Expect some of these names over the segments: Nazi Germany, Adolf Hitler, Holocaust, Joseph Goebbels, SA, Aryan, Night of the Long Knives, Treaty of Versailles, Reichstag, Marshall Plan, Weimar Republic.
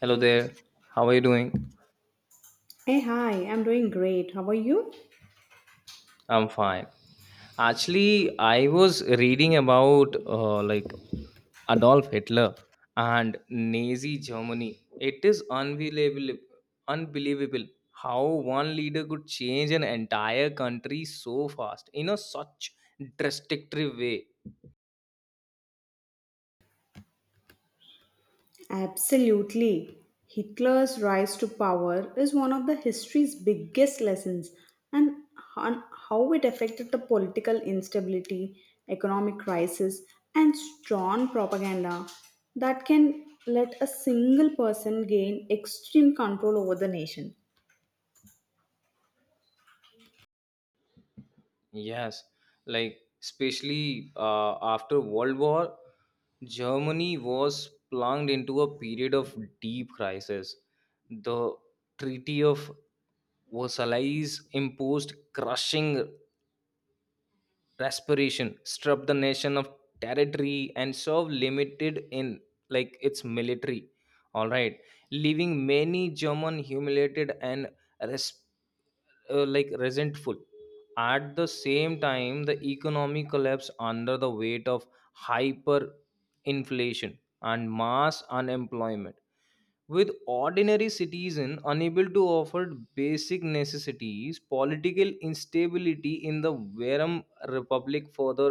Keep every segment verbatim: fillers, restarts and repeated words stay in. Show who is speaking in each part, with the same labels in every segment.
Speaker 1: Hello there. How are you doing?
Speaker 2: Hey, hi, I'm doing great. How are you?
Speaker 1: I'm fine. Actually, I was reading about uh, like Adolf Hitler and Nazi Germany. It is unbelievable, unbelievable how one leader could change an entire country so fast in a such drastic way.
Speaker 2: Absolutely. Hitler's rise to power is one of the history's biggest lessons and on how it affected the political instability, economic crisis, and strong propaganda that can let a single person gain extreme control over the nation.
Speaker 1: Yes, like especially uh, after World War, Germany was plunged into a period of deep crisis. The Treaty of Versailles imposed crushing Respiration strip the nation of territory and serve limited in like its military. All right, leaving many German humiliated and res- uh, like resentful. At the same time, the economy collapsed under the weight of hyperinflation and mass unemployment with ordinary citizen unable to afford basic necessities political instability in the verum republic further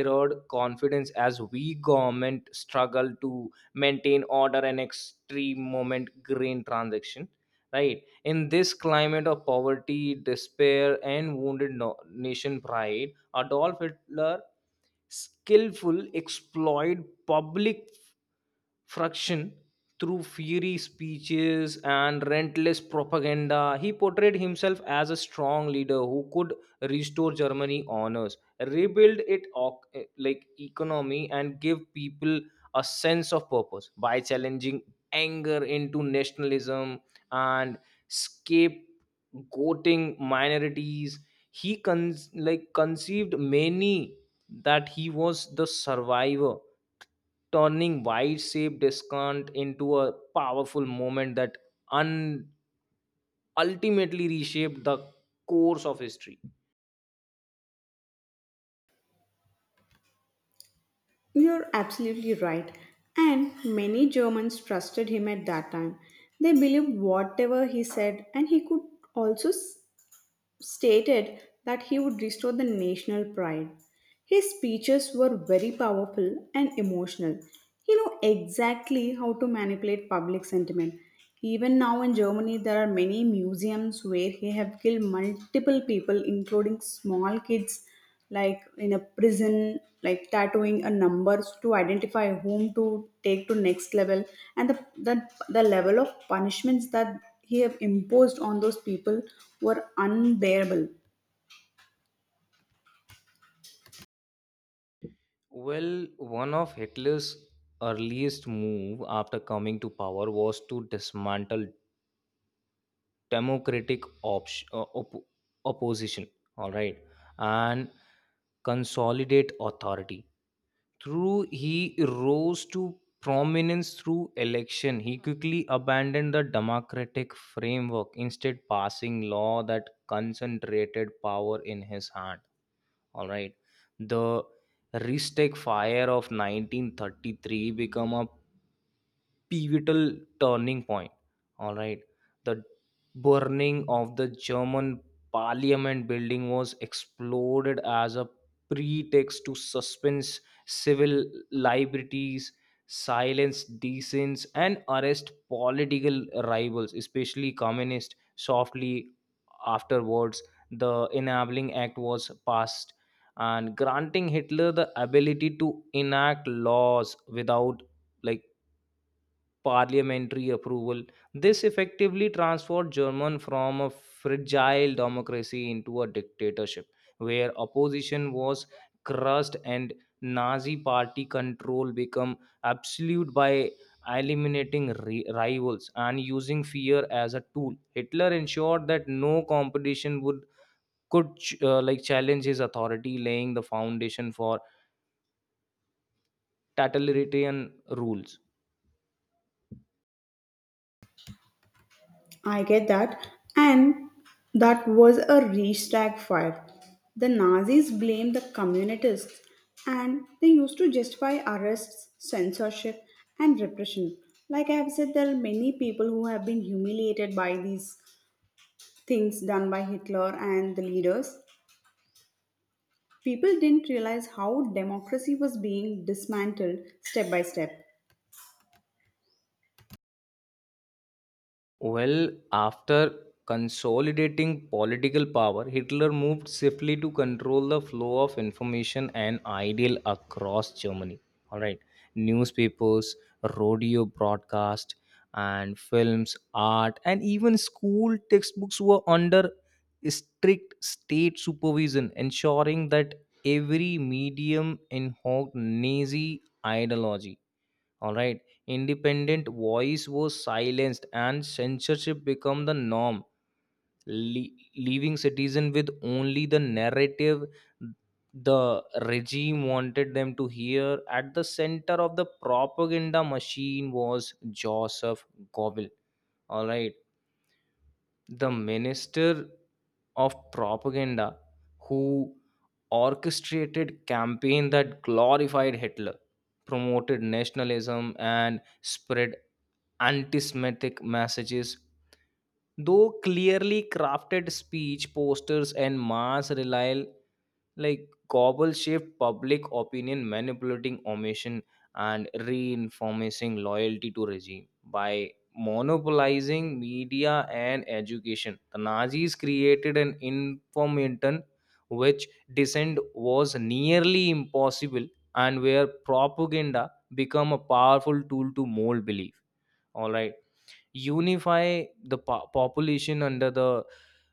Speaker 1: erode confidence as weak government struggle to maintain order and extreme moment grain transaction right in this climate of poverty despair and wounded no- nation pride Adolf Hitler skillful exploit public fraction through fiery speeches and relentless propaganda. He portrayed himself as a strong leader who could restore Germany honors, rebuild it oc- eh, like economy, and give people a sense of purpose by challenging anger into nationalism and scapegoating minorities. He con- like conceived many that he was the survivor turning wide shape discount into a powerful moment that un- ultimately reshaped the course of history.
Speaker 2: You're absolutely right. And many Germans trusted him at that time. They believed whatever he said, and he could also s- stated that he would restore the national pride. His speeches were very powerful and emotional. He knew exactly how to manipulate public sentiment. Even now in Germany, there are many museums where he have killed multiple people, including small kids like in a prison like tattooing a numbers to identify whom to take to next level and the the, the level of punishments that he have imposed on those people were unbearable.
Speaker 1: Well, one of Hitler's earliest move after coming to power was to dismantle democratic op- uh, op- opposition, all right, and consolidate authority. Through he rose to prominence through election. He quickly abandoned the democratic framework, instead passing law that concentrated power in his hand. All right, the Ristek fire of nineteen thirty-three become a pivotal turning point. All right, the burning of the German parliament building was exploded as a pretext to suspend civil liberties, silence dissents, and arrest political rivals, especially communists. Softly afterwards, the enabling act was passed and granting Hitler the ability to enact laws without like parliamentary approval. This effectively transformed Germany from a fragile democracy into a dictatorship, where opposition was crushed and Nazi party control became absolute by eliminating ri- rivals and using fear as a tool. Hitler ensured that no competition would could ch- uh, like challenge his authority, laying the foundation for totalitarian rules.
Speaker 2: I get that. And that was a Reichstag fire. The Nazis blamed the communists and they used to justify arrests, censorship, and repression. Like I have said, there are many people who have been humiliated by these things done by Hitler and the leaders, people didn't realize how democracy was being dismantled step by step.
Speaker 1: Well, after consolidating political power, Hitler moved swiftly to control the flow of information and ideal across Germany. All right, newspapers, radio broadcast, and films, art, and even school textbooks were under strict state supervision, ensuring that every medium invoked Nazi ideology, all right. Independent voice was silenced and censorship became the norm, le- leaving citizen with only the narrative the regime wanted them to hear. At the center of the propaganda machine was Joseph Goebbels. All right. The minister of propaganda who orchestrated campaign that glorified Hitler, promoted nationalism and spread anti-semitic messages though clearly crafted speech posters and mass rely, like gobble shift public opinion manipulating omission and reinforcing loyalty to regime by monopolizing media and education the Nazis created an information which dissent was nearly impossible and where propaganda become a powerful tool to mold belief, all right, unify the po- population under the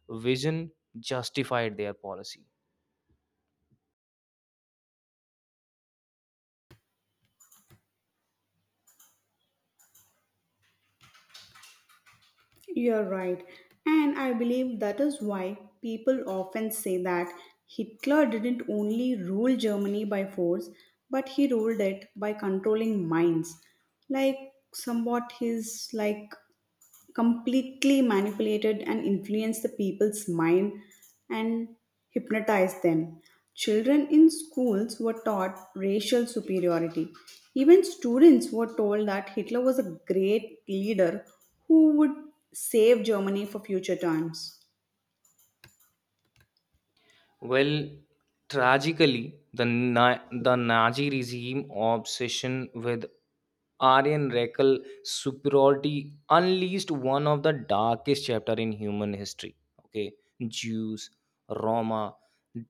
Speaker 1: vision justified their policy.
Speaker 2: You're right. And I believe that is why people often say that Hitler didn't only rule Germany by force, but he ruled it by controlling minds. Like somewhat his like completely manipulated and influenced the people's mind and hypnotized them. Children in schools were taught racial superiority. Even students were told that Hitler was a great leader who would save Germany for future times.
Speaker 1: Well, tragically, the, Na- the Nazi regime obsession with Aryan Rekel superiority unleashed one of the darkest chapter in human history. Okay, Jews, Roma,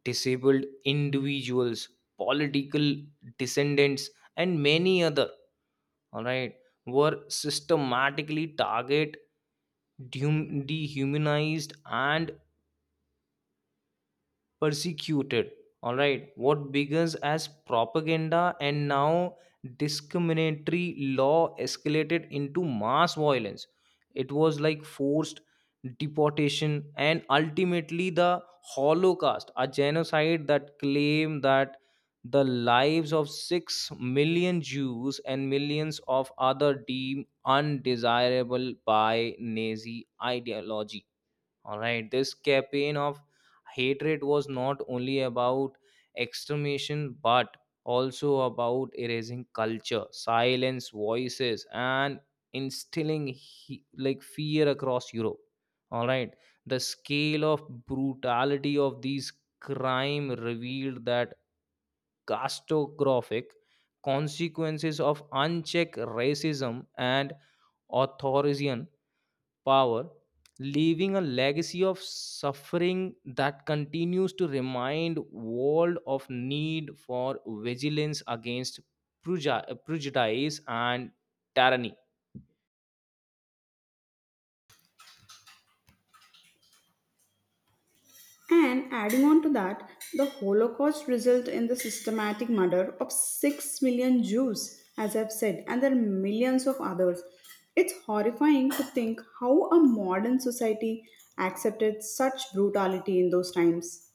Speaker 1: disabled individuals, political descendants, and many other, all right, were systematically target, dehum- dehumanized and persecuted. All right, what begins as propaganda and now discriminatory law escalated into mass violence. It was like forced deportation and ultimately the Holocaust, a genocide that claimed that the lives of six million Jews and millions of other deemed undesirable by Nazi ideology. All right, this campaign of hatred was not only about extermination but also about erasing culture, silence, voices, and instilling he- like fear across Europe. All right, the scale of brutality of these crime revealed that catastrophic consequences of unchecked racism and authoritarianism power, leaving a legacy of suffering that continues to remind world of need for vigilance against preju- prejudice and tyranny.
Speaker 2: And adding on to that, the Holocaust resulted in the systematic murder of six million Jews, as I've said, and there are millions of others. It's horrifying to think how a modern society accepted such brutality in those times.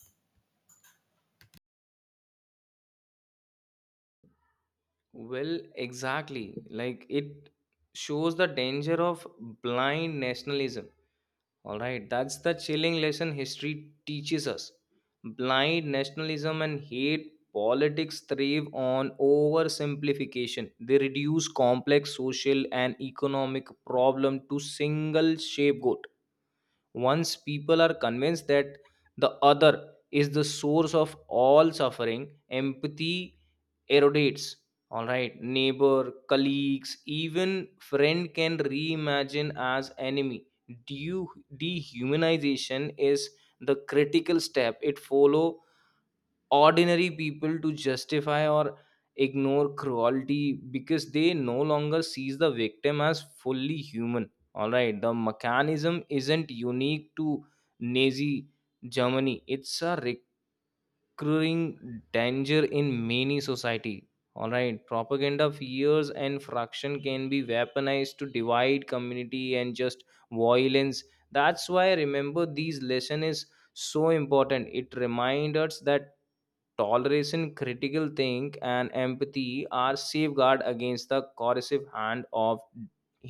Speaker 1: Well, exactly. Like it shows the danger of blind nationalism. All right, that's the chilling lesson history teaches us. Blind nationalism and hate politics thrive on oversimplification. They reduce complex social and economic problem to single shape goal. Once people are convinced that the other is the source of all suffering, empathy erodates. All right, neighbor, colleagues, even friend can reimagine as enemy. Deu- Dehumanization is the critical step. It follow ordinary people to justify or ignore cruelty because they no longer sees the victim as fully human. All right, the mechanism isn't unique to Nazi Germany. It's a recurring danger in many society. All right, propaganda fears and fraction can be weaponized to divide community and just violence. That's why remember these lesson is so important. It reminds us that toleration, critical think and empathy are safeguard against the corrosive hand of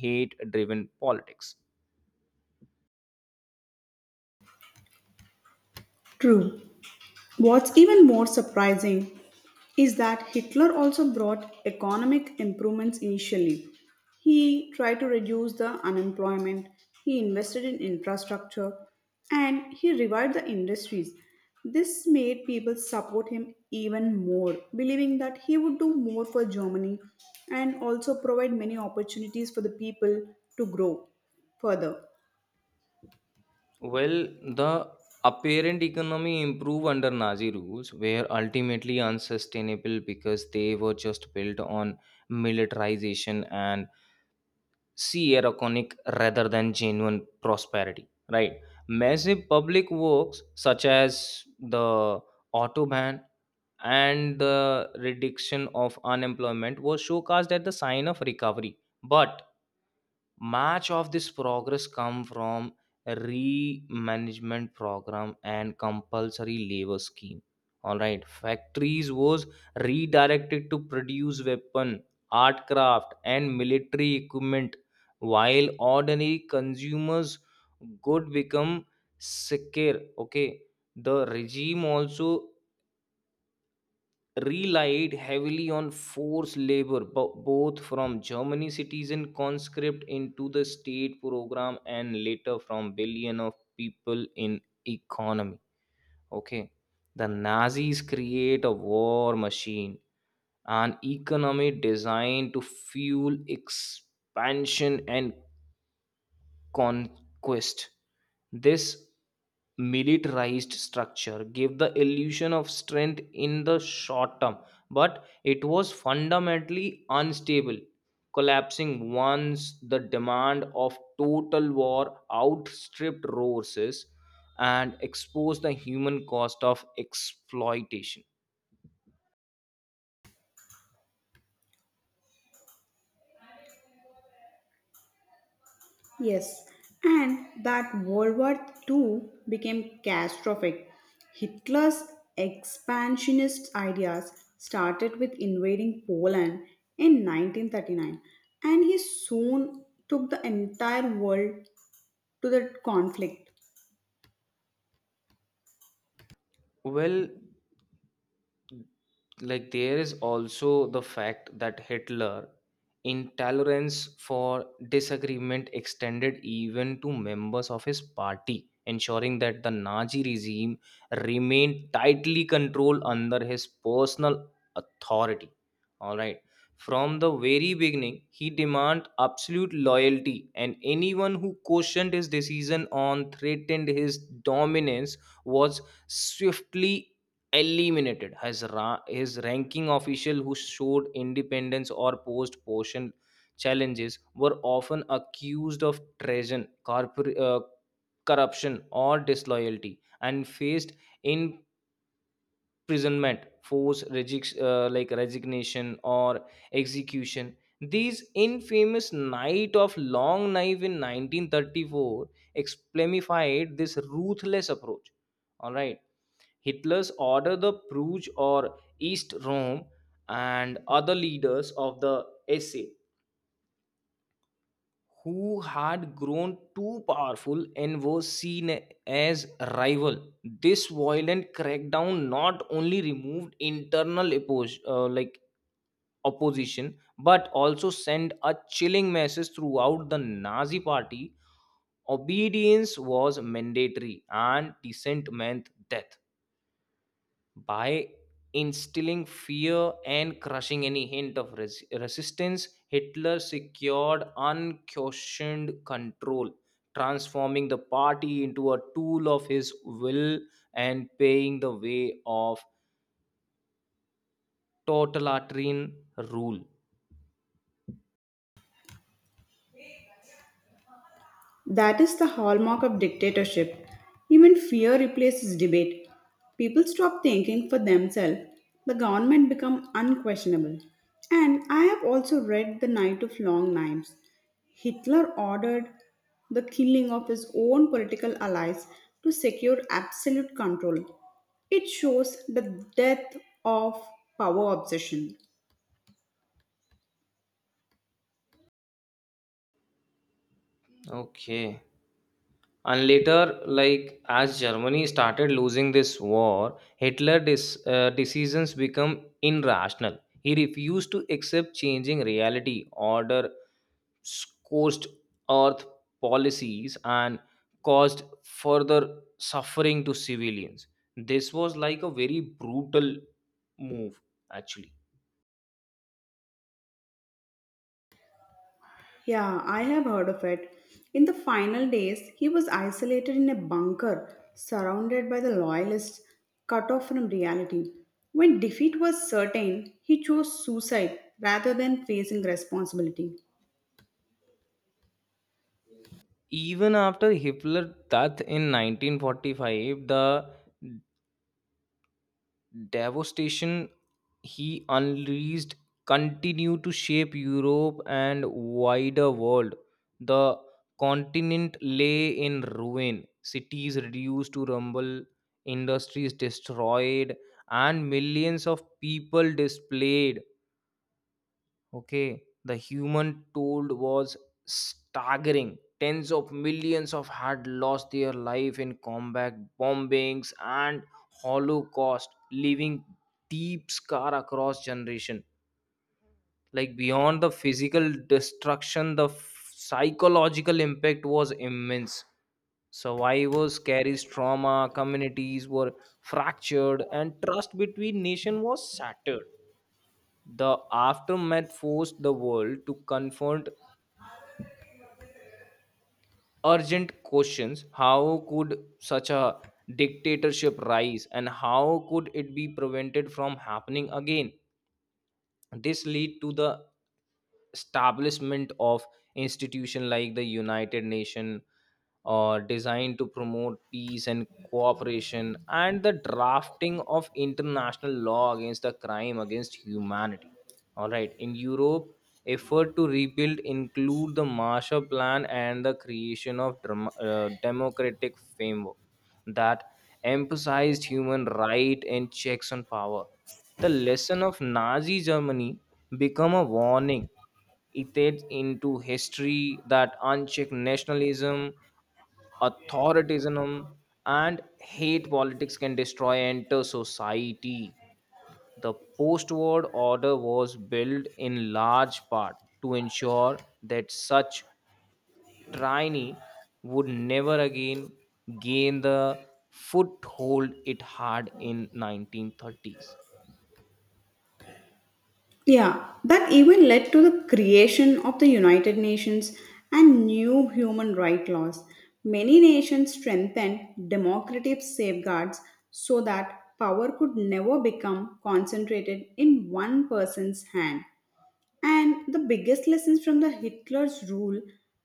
Speaker 1: hate driven politics.
Speaker 2: True. What's even more surprising is that Hitler also brought economic improvements initially. He tried to reduce the unemployment, he invested in infrastructure, and he revived the industries. This made people support him even more, believing that he would do more for Germany and also provide many opportunities for the people to grow further.
Speaker 1: Well, the apparent economy improved under Nazi rules were ultimately unsustainable because they were just built on militarization and see ironic rather than genuine prosperity. Right, massive public works such as the auto ban and the reduction of unemployment was showcased at the sign of recovery, but much of this progress come from remanagement program and compulsory labor scheme. All right, factories was redirected to produce weapon, art craft and military equipment while ordinary consumers good become secure. Okay, the regime also relied heavily on forced labor, bo- both from Germany citizen conscript into the state program and later from billion of people in economy. Okay, the Nazis create a war machine, an economy designed to fuel expansion and conquest. This militarized structure gave the illusion of strength in the short term, but it was fundamentally unstable, collapsing once the demand of total war outstripped resources and exposed the human cost of exploitation.
Speaker 2: Yes, and that World War Two became catastrophic. Hitler's expansionist ideas started with invading Poland in nineteen thirty-nine, and he soon took the entire world to the conflict.
Speaker 1: Well, like there is also the fact that Hitler intolerance for disagreement extended even to members of his party ensuring that the Nazi regime remained tightly controlled under his personal authority. All right, from the very beginning he demanded absolute loyalty and anyone who questioned his decision on threatened his dominance was swiftly eliminated. His, ra- his ranking official who showed independence or posed portion challenges were often accused of treason, corpor- uh, corruption or disloyalty and faced imprisonment, forced reject, uh, like resignation or execution. These infamous night of long knife in nineteen thirty-four exemplified this ruthless approach. All right, Hitler's order the Pruge or East Rome and other leaders of the S A who had grown too powerful and were seen as rival. This violent crackdown not only removed internal oppos- uh, like opposition but also sent a chilling message throughout the Nazi party. Obedience was mandatory and dissent meant death. By instilling fear and crushing any hint of res- resistance Hitler secured unquestioned control, transforming the party into a tool of his will and paving the way of totalitarian rule.
Speaker 2: That is the hallmark of dictatorship. Even fear replaces debate. People stop thinking for themselves. The government become unquestionable. And I have also read The Night of Long Knives. Hitler ordered the killing of his own political allies to secure absolute control. It shows the death of power obsession.
Speaker 1: Okay, and later, like as Germany started losing this war, Hitler dis- uh, decisions become irrational. He refused to accept changing reality, order scorched earth policies, and caused further suffering to civilians. This was like a very brutal move, actually.
Speaker 2: Yeah, I have heard of it. In the final days, he was isolated in a bunker, surrounded by the loyalists, cut off from reality. When defeat was certain, he chose suicide rather than facing responsibility.
Speaker 1: Even after Hitler's death in nineteen forty-five, the devastation he unleashed continued to shape Europe and wider world. The continent lay in ruin, cities reduced to rubble, industries destroyed, and millions of people displaced. Okay, the human toll was staggering. Tens of millions of had lost their life in combat bombings and Holocaust, leaving deep scar across generation. Like beyond the physical destruction, the f- psychological impact was immense. Survivors carries trauma, communities were fractured, and trust between nation was shattered. The aftermath forced the world to confront urgent questions. How could such a dictatorship rise and how could it be prevented from happening again? This lead to the establishment of institution like the United Nation or designed to promote peace and cooperation and the drafting of international law against the crime against humanity. All right, in Europe effort to rebuild include the Marshall Plan and the creation of dram- uh, democratic framework that emphasized human right and checks on power. The lesson of Nazi Germany become a warning etched into history that unchecked nationalism, authoritarianism, and hate politics can destroy entire society. The post-war order was built in large part to ensure that such tyranny would never again gain the foothold it had in nineteen thirties.
Speaker 2: Yeah, that even led to the creation of the United Nations and new human rights laws. Many nations strengthened democratic safeguards so that power could never become concentrated in one person's hand. And the biggest lessons from the Hitler's rule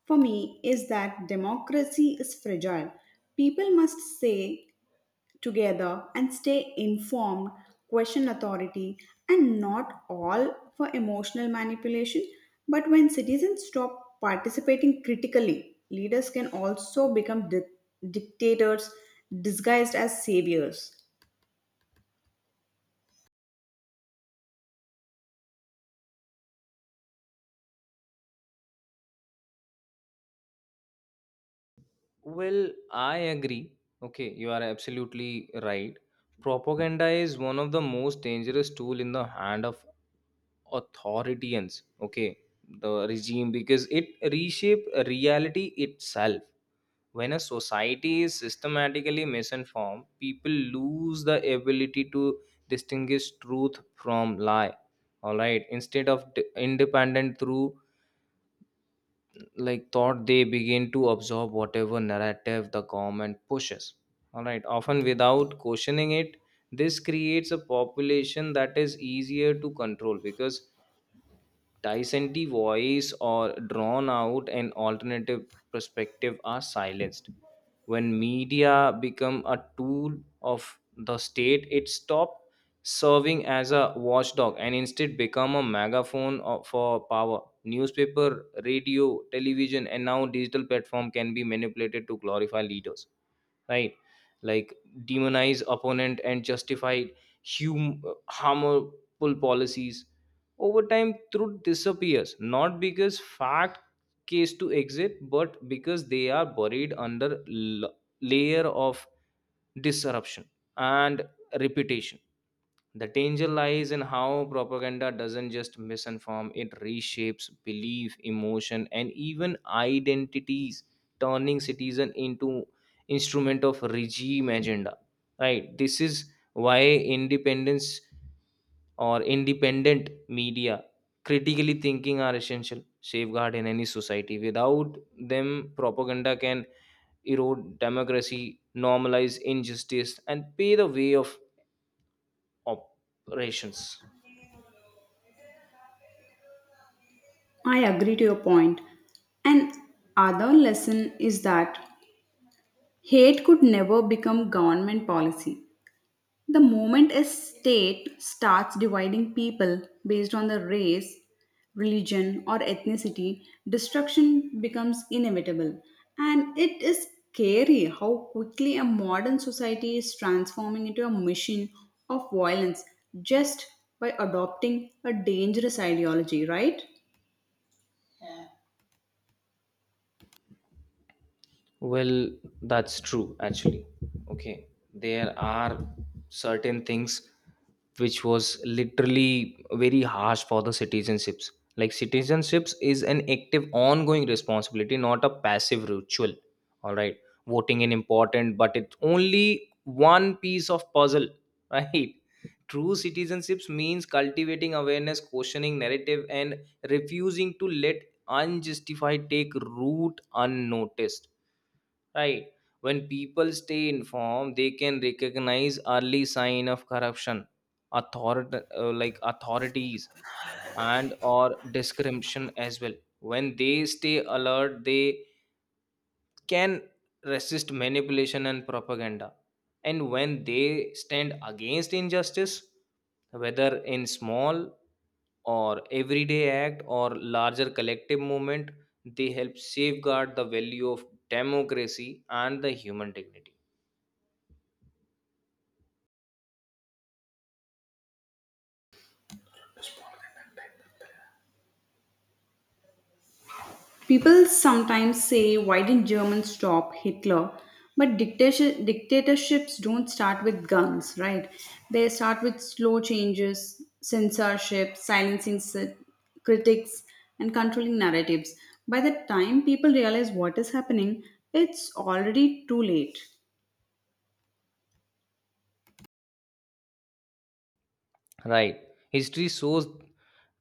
Speaker 2: for me is that democracy is fragile. People must say together and stay informed, question authority, and not all for emotional manipulation. But when citizens stop participating critically, leaders can also become di- dictators disguised as saviors.
Speaker 1: Well, I agree. Okay, you are absolutely right. Propaganda is one of the most dangerous tool in the hand of authoritarians. Okay, the regime because it reshape reality itself. When a society is systematically misinformed, people lose the ability to distinguish truth from lie. All right, instead of d- independent through like thought, they begin to absorb whatever narrative the government pushes, all right, often without questioning it. This creates a population that is easier to control because dissentee voice or drawn out and alternative perspective are silenced. When media become a tool of the state, it stopped serving as a watchdog and instead become a megaphone of- for power. Newspaper, radio, television, and now digital platform can be manipulated to glorify leaders, right, like, demonize opponent, and justify hum- harmful policies. Over time truth disappears, not because fact case to exit, but because they are buried under l- layer of disruption and reputation. The danger lies in how propaganda doesn't just misinform, it reshapes belief, emotion, and even identities, turning citizen into instrument of regime agenda. Right? This is why independence or independent media, critically thinking are essential safeguard in any society. Without them, propaganda can erode democracy, normalize injustice, and pay the way of operations.
Speaker 2: I agree to your point. And other lesson is that hate could never become government policy. The moment a state starts dividing people based on the race, religion, or ethnicity, destruction becomes inevitable. And it is scary how quickly a modern society is transforming into a machine of violence just by adopting a dangerous ideology, right?
Speaker 1: Well, that's true actually. Okay, there are certain things which was literally very harsh for the citizenships. Like, citizenships is an active, ongoing responsibility, not a passive ritual. All right, voting is important, but it's only one piece of puzzle, right? True citizenships means cultivating awareness, questioning narrative, and refusing to let unjustified take root unnoticed, right? When people stay informed, they can recognize early sign of corruption, authority, uh, like, authorities and or discrimination as well. When they stay alert, they can resist manipulation and propaganda. And when they stand against injustice, whether in small or everyday act or larger collective movement, they help safeguard the value of democracy and the human dignity.
Speaker 2: People sometimes say, why didn't Germans stop Hitler? But dictatorship, dictatorships don't start with guns, right? They start with slow changes, censorship, silencing s- critics, and controlling narratives. By the time people realize what is happening, it's already too late.
Speaker 1: Right. History shows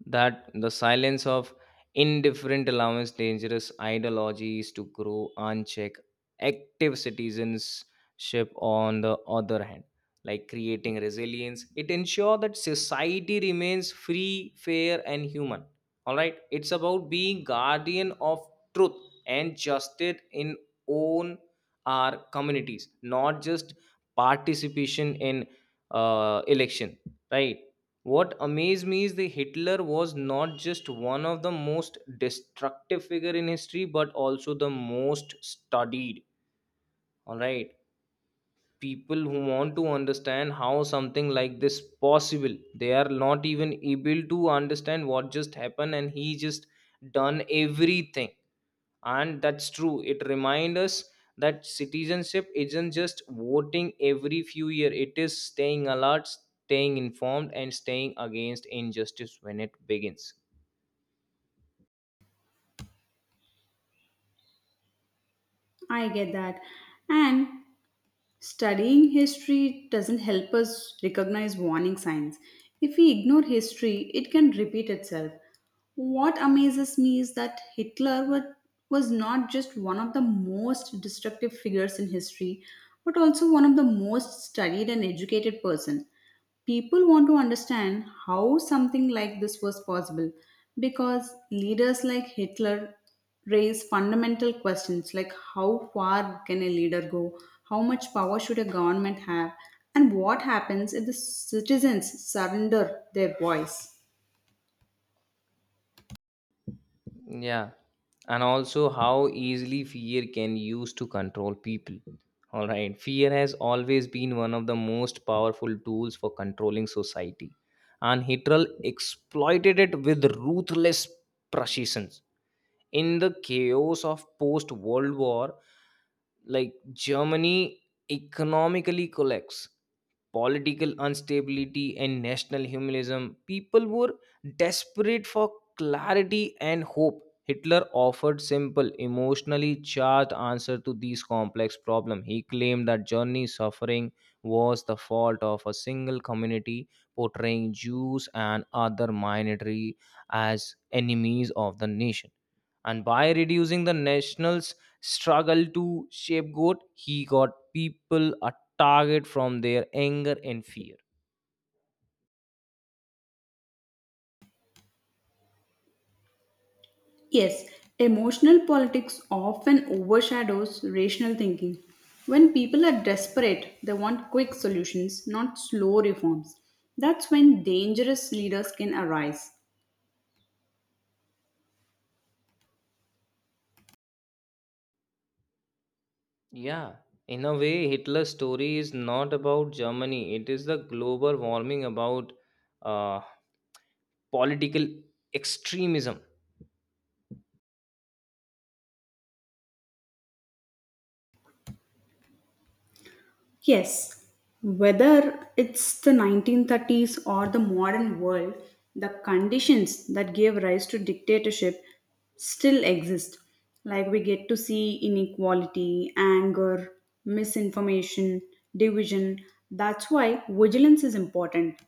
Speaker 1: that the silence of indifferent allows dangerous ideologies to grow unchecked. Active citizenship, on the other hand, like creating resilience, it ensures that society remains free, fair, and human. All right. It's about being guardian of truth and justice in own our communities, not just participation in uh, election. Right, what amazed me is that Hitler was not just one of the most destructive figure in history, but also the most studied. All right, people who want to understand how something like this possible, they are not even able to understand what just happened, and he just done everything. And that's true, it reminds us that citizenship isn't just voting every few years, it is staying alert, staying informed, and staying against injustice when it begins.
Speaker 2: I get that. And studying history doesn't help us recognize warning signs. If we ignore history, it can repeat itself. What amazes me is that Hitler wa- was not just one of the most destructive figures in history, but also one of the most studied and educated person. People want to understand how something like this was possible because leaders like Hitler raise fundamental questions like how far can a leader go, how much power should a government have, and what happens if the citizens surrender their voice.
Speaker 1: Yeah, and also how easily fear can use to control people. All right, fear has always been one of the most powerful tools for controlling society, and Hitler exploited it with ruthless precision. In the chaos of post world war, like, Germany, economically collapse, political instability and national humanism, people were desperate for clarity and hope. Hitler offered simple, emotionally charged answer to these complex problems. He claimed that Germany's suffering was the fault of a single community, portraying Jews and other minority as enemies of the nation, and by reducing the nationals struggle to scapegoat, he got people a target from their anger and fear.
Speaker 2: Yes, emotional politics often overshadows rational thinking. When people are desperate, they want quick solutions, not slow reforms. That's when dangerous leaders can arise.
Speaker 1: Yeah, in a way, Hitler's story is not about Germany, it is the global warming about uh, political extremism.
Speaker 2: Yes, whether it's the nineteen thirties or the modern world, the conditions that gave rise to dictatorship still exist. Like we get to see inequality, anger, misinformation, division. That's why vigilance is important.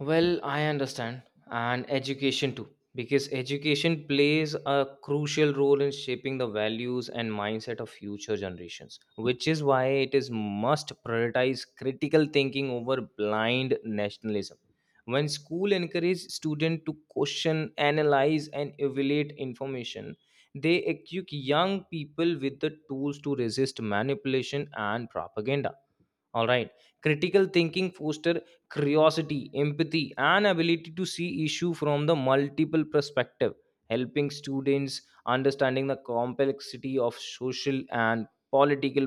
Speaker 1: Well, I understand, and education too, because education plays a crucial role in shaping the values and mindset of future generations, which is why it is must prioritize critical thinking over blind nationalism. When school encourage students to question, analyze, and evaluate information, they equip young people with the tools to resist manipulation and propaganda, all right. Critical thinking foster curiosity, empathy, and ability to see issue from the multiple perspective, helping students understanding the complexity of social and political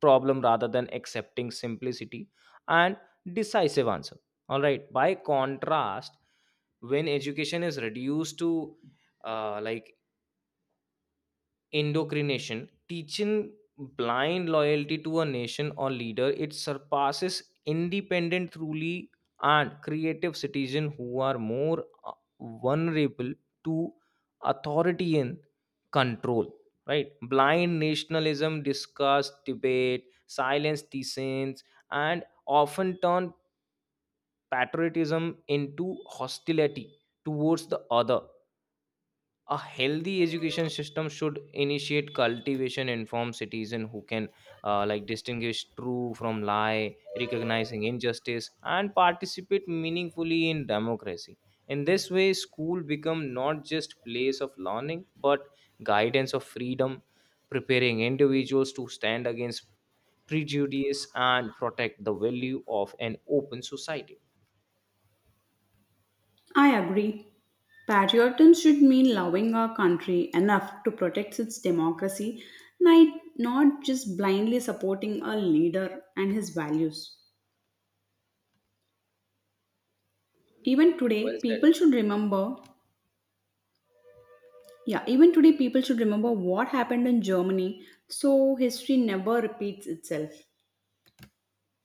Speaker 1: problem rather than accepting simplicity and decisive answer. All right. By contrast, when education is reduced to, uh, like, indoctrination, teaching blind loyalty to a nation or leader, it surpasses independent truly and creative citizens who are more uh, vulnerable to authoritarian control. Right, blind nationalism discuss debate, silence dissents, and often turn patriotism into hostility towards the other. A healthy education system should initiate cultivation inform citizen who can, uh, like, distinguish true from lie, recognizing injustice and participate meaningfully in democracy. In this way, school become not just place of learning but guidance of freedom, preparing individuals to stand against prejudice and protect the value of an open society.
Speaker 2: I agree. Patriotism should mean loving our country enough to protect its democracy, not not just blindly supporting a leader and his values. Even
Speaker 1: Well
Speaker 2: today,
Speaker 1: said.
Speaker 2: people should remember, yeah, even today, people should remember what happened in Germany so history never repeats itself.